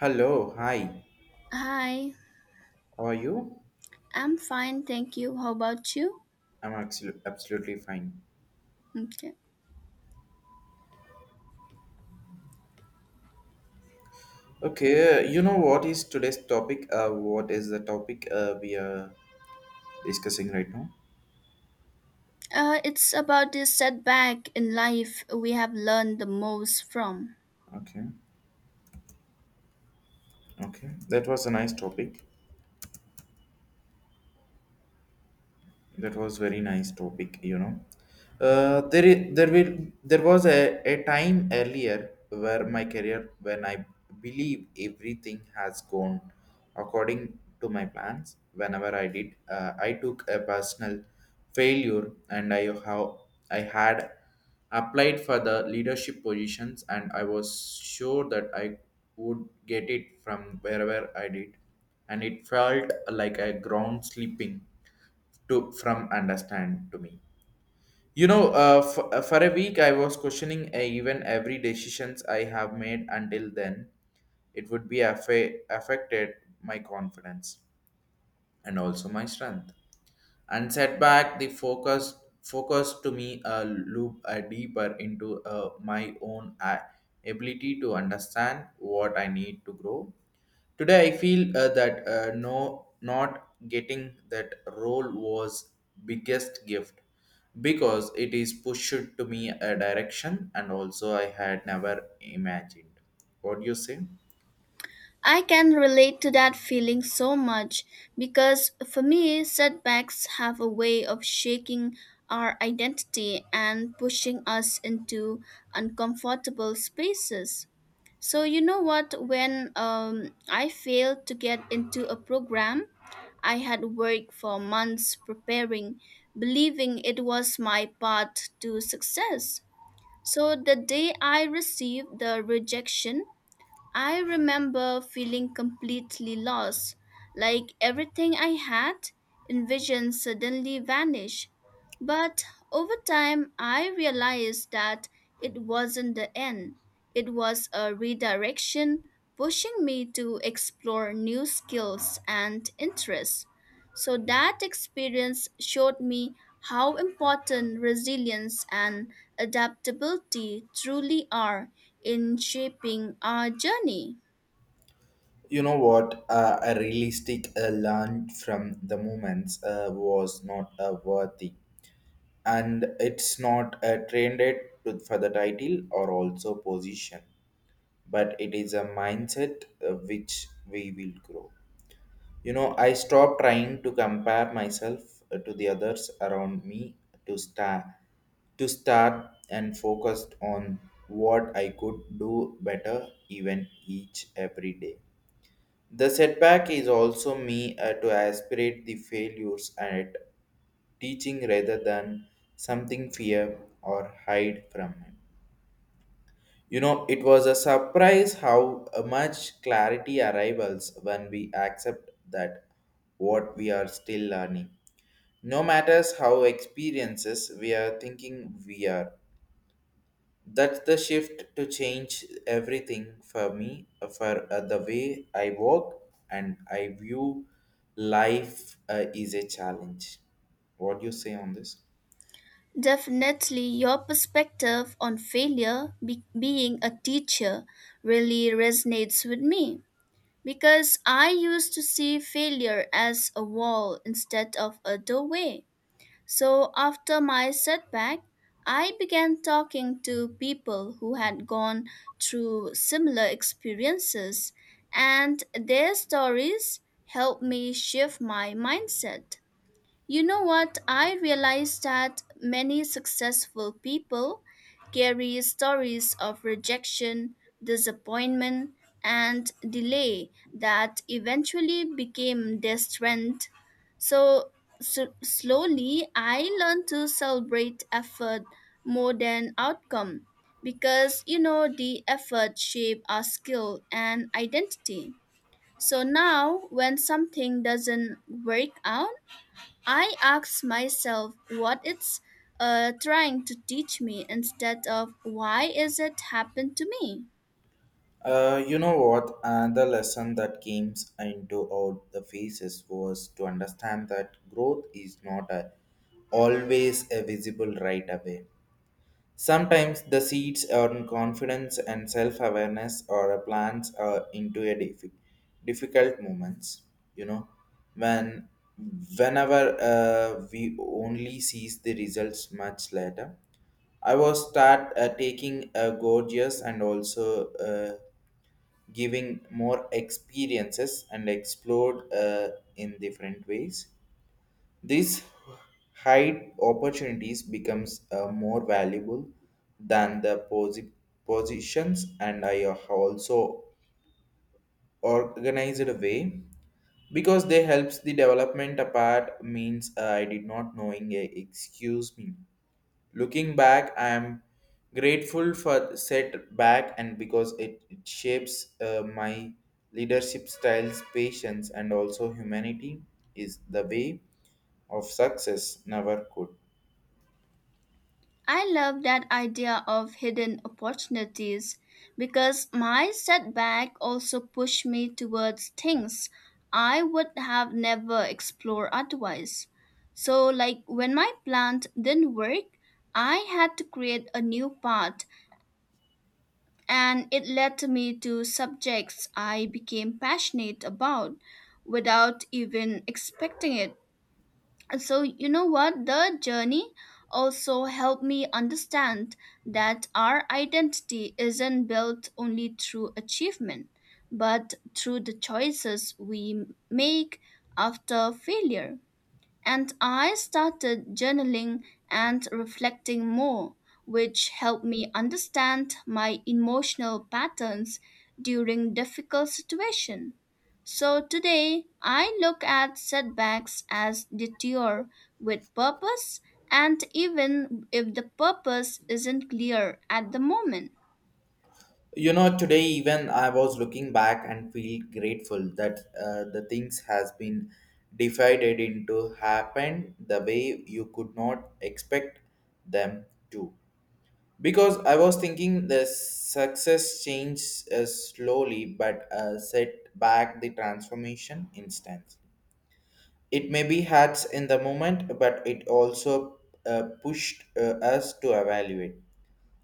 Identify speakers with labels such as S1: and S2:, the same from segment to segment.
S1: Hello, hi.
S2: Hi,
S1: How are you?
S2: I'm fine, thank you. How about you?
S1: I'm absolutely fine.
S2: Okay.
S1: Okay, you know what is today's topic? What is the topic we are discussing right now?
S2: It's about this setback in life we have learned the most from.
S1: Okay, okay. That was a nice topic. That was very nice topic, you know. There, I- there will, There was a time earlier where my career, when I believe everything has gone according to my plans. Whenever I did, I took a personal failure, and I how I had applied for the leadership positions, and I was sure that I would get it from wherever I did, and it felt like a ground sleeping to from understand to me you know for a week I was questioning even every decisions I have made until then it would be affected my confidence and also my strength and setback the focus to me loop deeper into my own ability to understand what I need to grow. Today, I feel that no, not getting that role was biggest gift because it is pushed to me a direction and also I had never imagined. What do you say?
S2: I can relate to that feeling so much because for me, setbacks have a way of shaking our identity and pushing us into uncomfortable spaces. So, you know what? When I failed to get into a program, I had worked for months preparing, believing it was my path to success. So, the day I received the rejection, I remember feeling completely lost, like everything I had envisioned suddenly vanished. But over time, I realized that it wasn't the end. It was a redirection pushing me to explore new skills and interests. So that experience showed me how important resilience and adaptability truly are in shaping our journey.
S1: You know what? A realistic learned from the moments was not worthy, and it's not trended to, for the title or also position, but it is a mindset which we will grow. You know, I stopped trying to compare myself to the others around me to start to start and focused on what I could do better even each every day. The setback is also me to aspirate the failures at teaching rather than something fear or hide from it. You know, it was a surprise how much clarity arrivals when we accept that what we are still learning. No matters how experiences we are thinking we are. That's the shift to change everything for me, for the way I work and I view life is a challenge. What do you say on this?
S2: Definitely, your perspective on failure being a teacher really resonates with me because I used to see failure as a wall instead of a doorway. So, after my setback, I began talking to people who had gone through similar experiences, and their stories helped me shift my mindset. You know what? I realized that many successful people carry stories of rejection, disappointment, and delay that eventually became their strength. So, so slowly, I learned to celebrate effort more than outcome because you know the effort shape our skill and identity. So now, when something doesn't work out, I ask myself what it's trying to teach me instead of why is it happened to me.
S1: You know what? Another lesson that came into all the phases was to understand that growth is not always a visible right away. Sometimes the seeds earn confidence and self-awareness or a plans are into a difficult moments. You know, when whenever we only sees the results much later, I was start taking a gorgeous and also. Giving more experiences and explored in different ways. This high opportunities becomes more valuable than the positions and I have also organized a way because they helps the development apart means I did not knowing a excuse me. Looking back, I am grateful for setback and because it shapes my leadership styles, patience, and also humanity is the way of success never could.
S2: I love that idea of hidden opportunities because my setback also pushed me towards things I would have never explored otherwise. So like when my plant didn't work, I had to create a new path and it led me to subjects I became passionate about without even expecting it. And so, you know what? The journey also helped me understand that our identity isn't built only through achievement, but through the choices we make after failure. And I started journaling and reflecting more, which helped me understand my emotional patterns during difficult situations. So today, I look at setbacks as detour with purpose, and even if the purpose isn't clear at the moment.
S1: You know, today even I was looking back and feel grateful that the things has been divided into happen the way you could not expect them to. Because I was thinking the success changed slowly but set back the transformation instance. It may be hats in the moment, but it also pushed us to evaluate.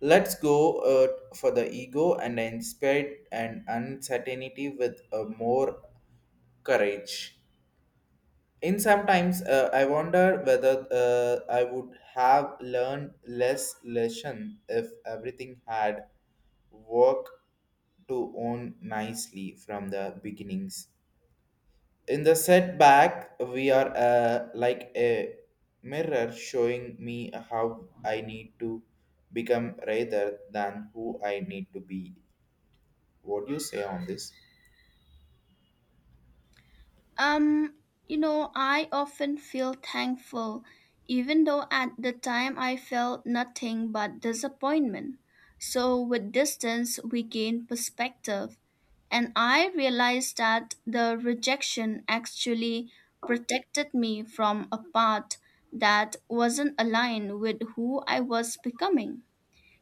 S1: Let's go for the ego and inspired and uncertainty with more courage. In sometimes I wonder whether I would have learned less lesson if everything had worked to own nicely from the beginnings. In the setback, we are like a mirror showing me how I need to become rather than who I need to be. What do you say on this?
S2: Um, you know, I often feel thankful, even though at the time I felt nothing but disappointment. So, with distance, we gain perspective. And I realized that the rejection actually protected me from a path that wasn't aligned with who I was becoming.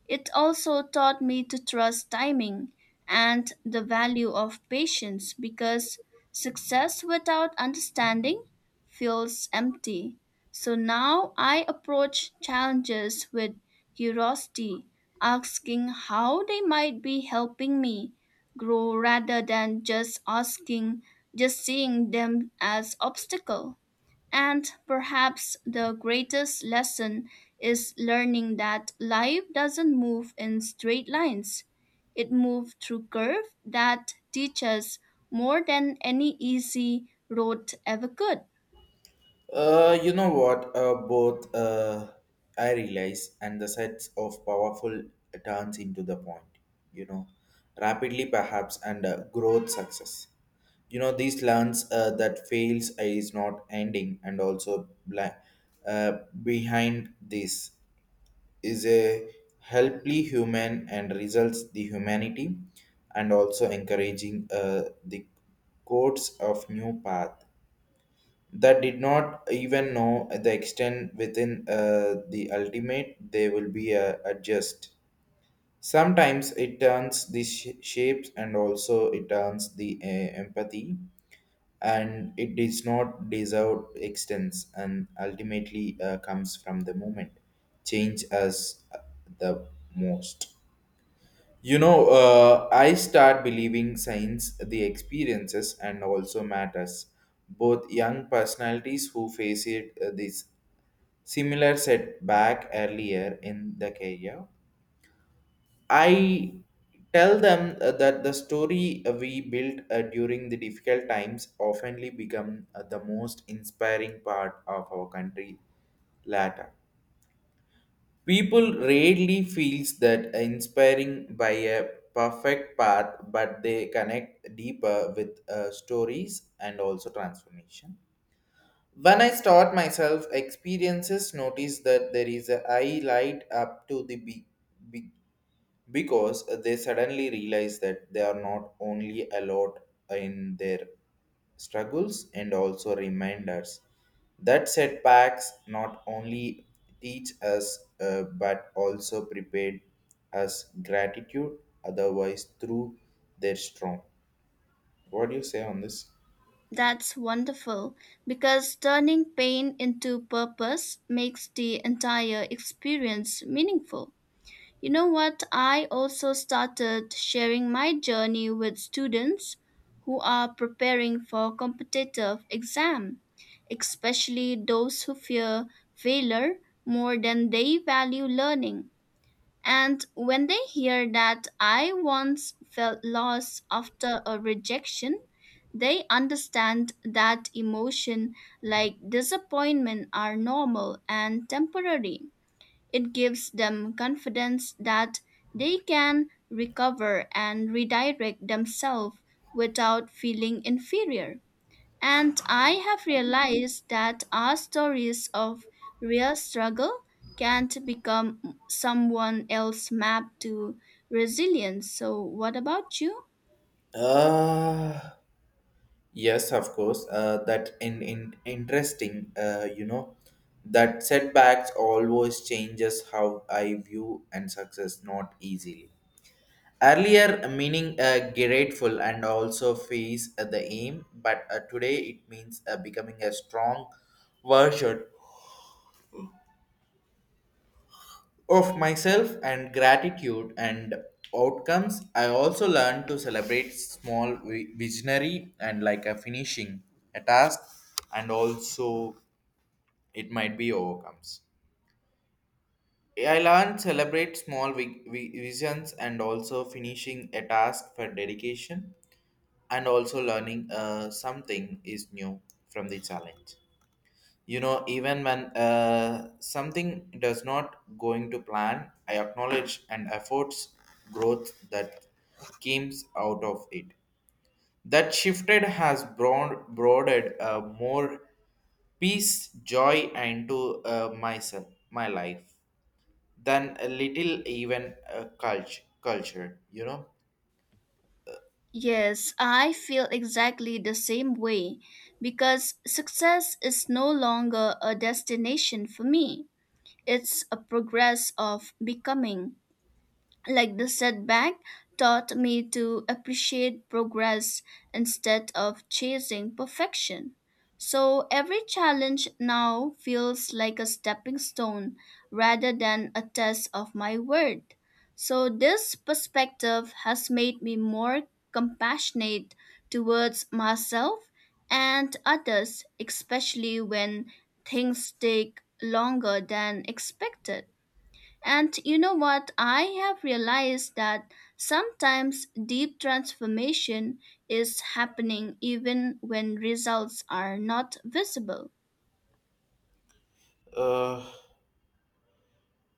S2: It also taught me to trust timing and the value of patience because success without understanding feels empty. So now I approach challenges with curiosity, asking how they might be helping me grow rather than just seeing them as obstacle. And perhaps the greatest lesson is learning that life doesn't move in straight lines. It moves through curves that teach us more than any easy road ever could.
S1: You know what? Both I realize and the sets of powerful turns into the point. You know, rapidly perhaps and growth success. You know these lands. That fails is not ending and also uh, behind this is a helply human and results the humanity and also encouraging the codes of new path that did not even know the extent within the ultimate they will be adjust sometimes it turns the shapes and also it turns the empathy and it does not deserve extents and ultimately comes from the moment change us the most. You know, I start believing science, the experiences, and also matters. Both young personalities who face it this similar setback earlier in the career. I tell them that the story we built during the difficult times oftenly become the most inspiring part of our country later. People rarely feels that inspiring by a perfect path, but they connect deeper with stories and also transformation. When I start myself, experiences notice that there is a I light up to the big because they suddenly realize that they are not only allowed in their struggles and also reminders that setbacks not only teach us but also prepared us gratitude otherwise through their strong. What do you say on this?
S2: That's wonderful because turning pain into purpose makes the entire experience meaningful. You know what? I also started sharing my journey with students who are preparing for competitive exam, especially those who fear failure more than they value learning. And when they hear that I once felt lost after a rejection, they understand that emotion like disappointment are normal and temporary. It gives them confidence that they can recover and redirect themselves without feeling inferior. And I have realized that our stories of real struggle can't become someone else's map to resilience. So, what about you?
S1: uh, Yes, of course. That in interesting, you know, that setbacks always changes how I view and success not easily. Earlier, meaning grateful and also face the aim, but today it means becoming a strong version of myself and gratitude and outcomes. I also learned to celebrate small visionary and like a finishing a task and also. It might be overcomes. I learned celebrate small visions and also finishing a task for dedication and also learning something is new from the challenge. You know, even when something does not going to plan, I acknowledge and efforts growth that came out of it. That shifted has broadened more peace, joy into myself, my life. Than a little even culture you know.
S2: Yes, I feel exactly the same way because success is no longer a destination for me. It's a progress of becoming. Like the setback taught me to appreciate progress instead of chasing perfection. So every challenge now feels like a stepping stone rather than a test of my worth. So this perspective has made me more compassionate towards myself and others, especially when things take longer than expected. And you know what? I have realized that sometimes deep transformation is happening even when results are not visible.
S1: uh,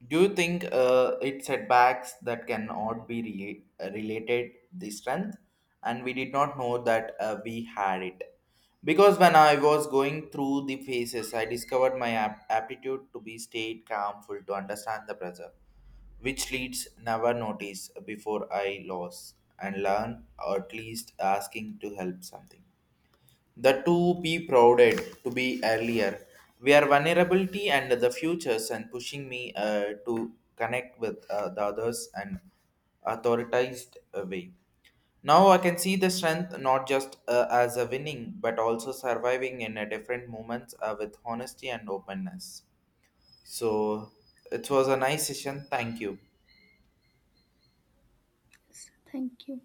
S1: do you think it's setbacks that cannot be related the strength and we did not know that we had it because when I was going through the phases I discovered my aptitude to be stayed calmful to understand the pressure which leads never notice before I lost and learn or at least asking to help something the two be prouded to be earlier. We are vulnerability and the futures and pushing me to connect with the others and authorized way. Now I can see the strength not just as a winning but also surviving in a different moments with honesty and openness. So it was a nice session. Thank you.
S2: Thank you.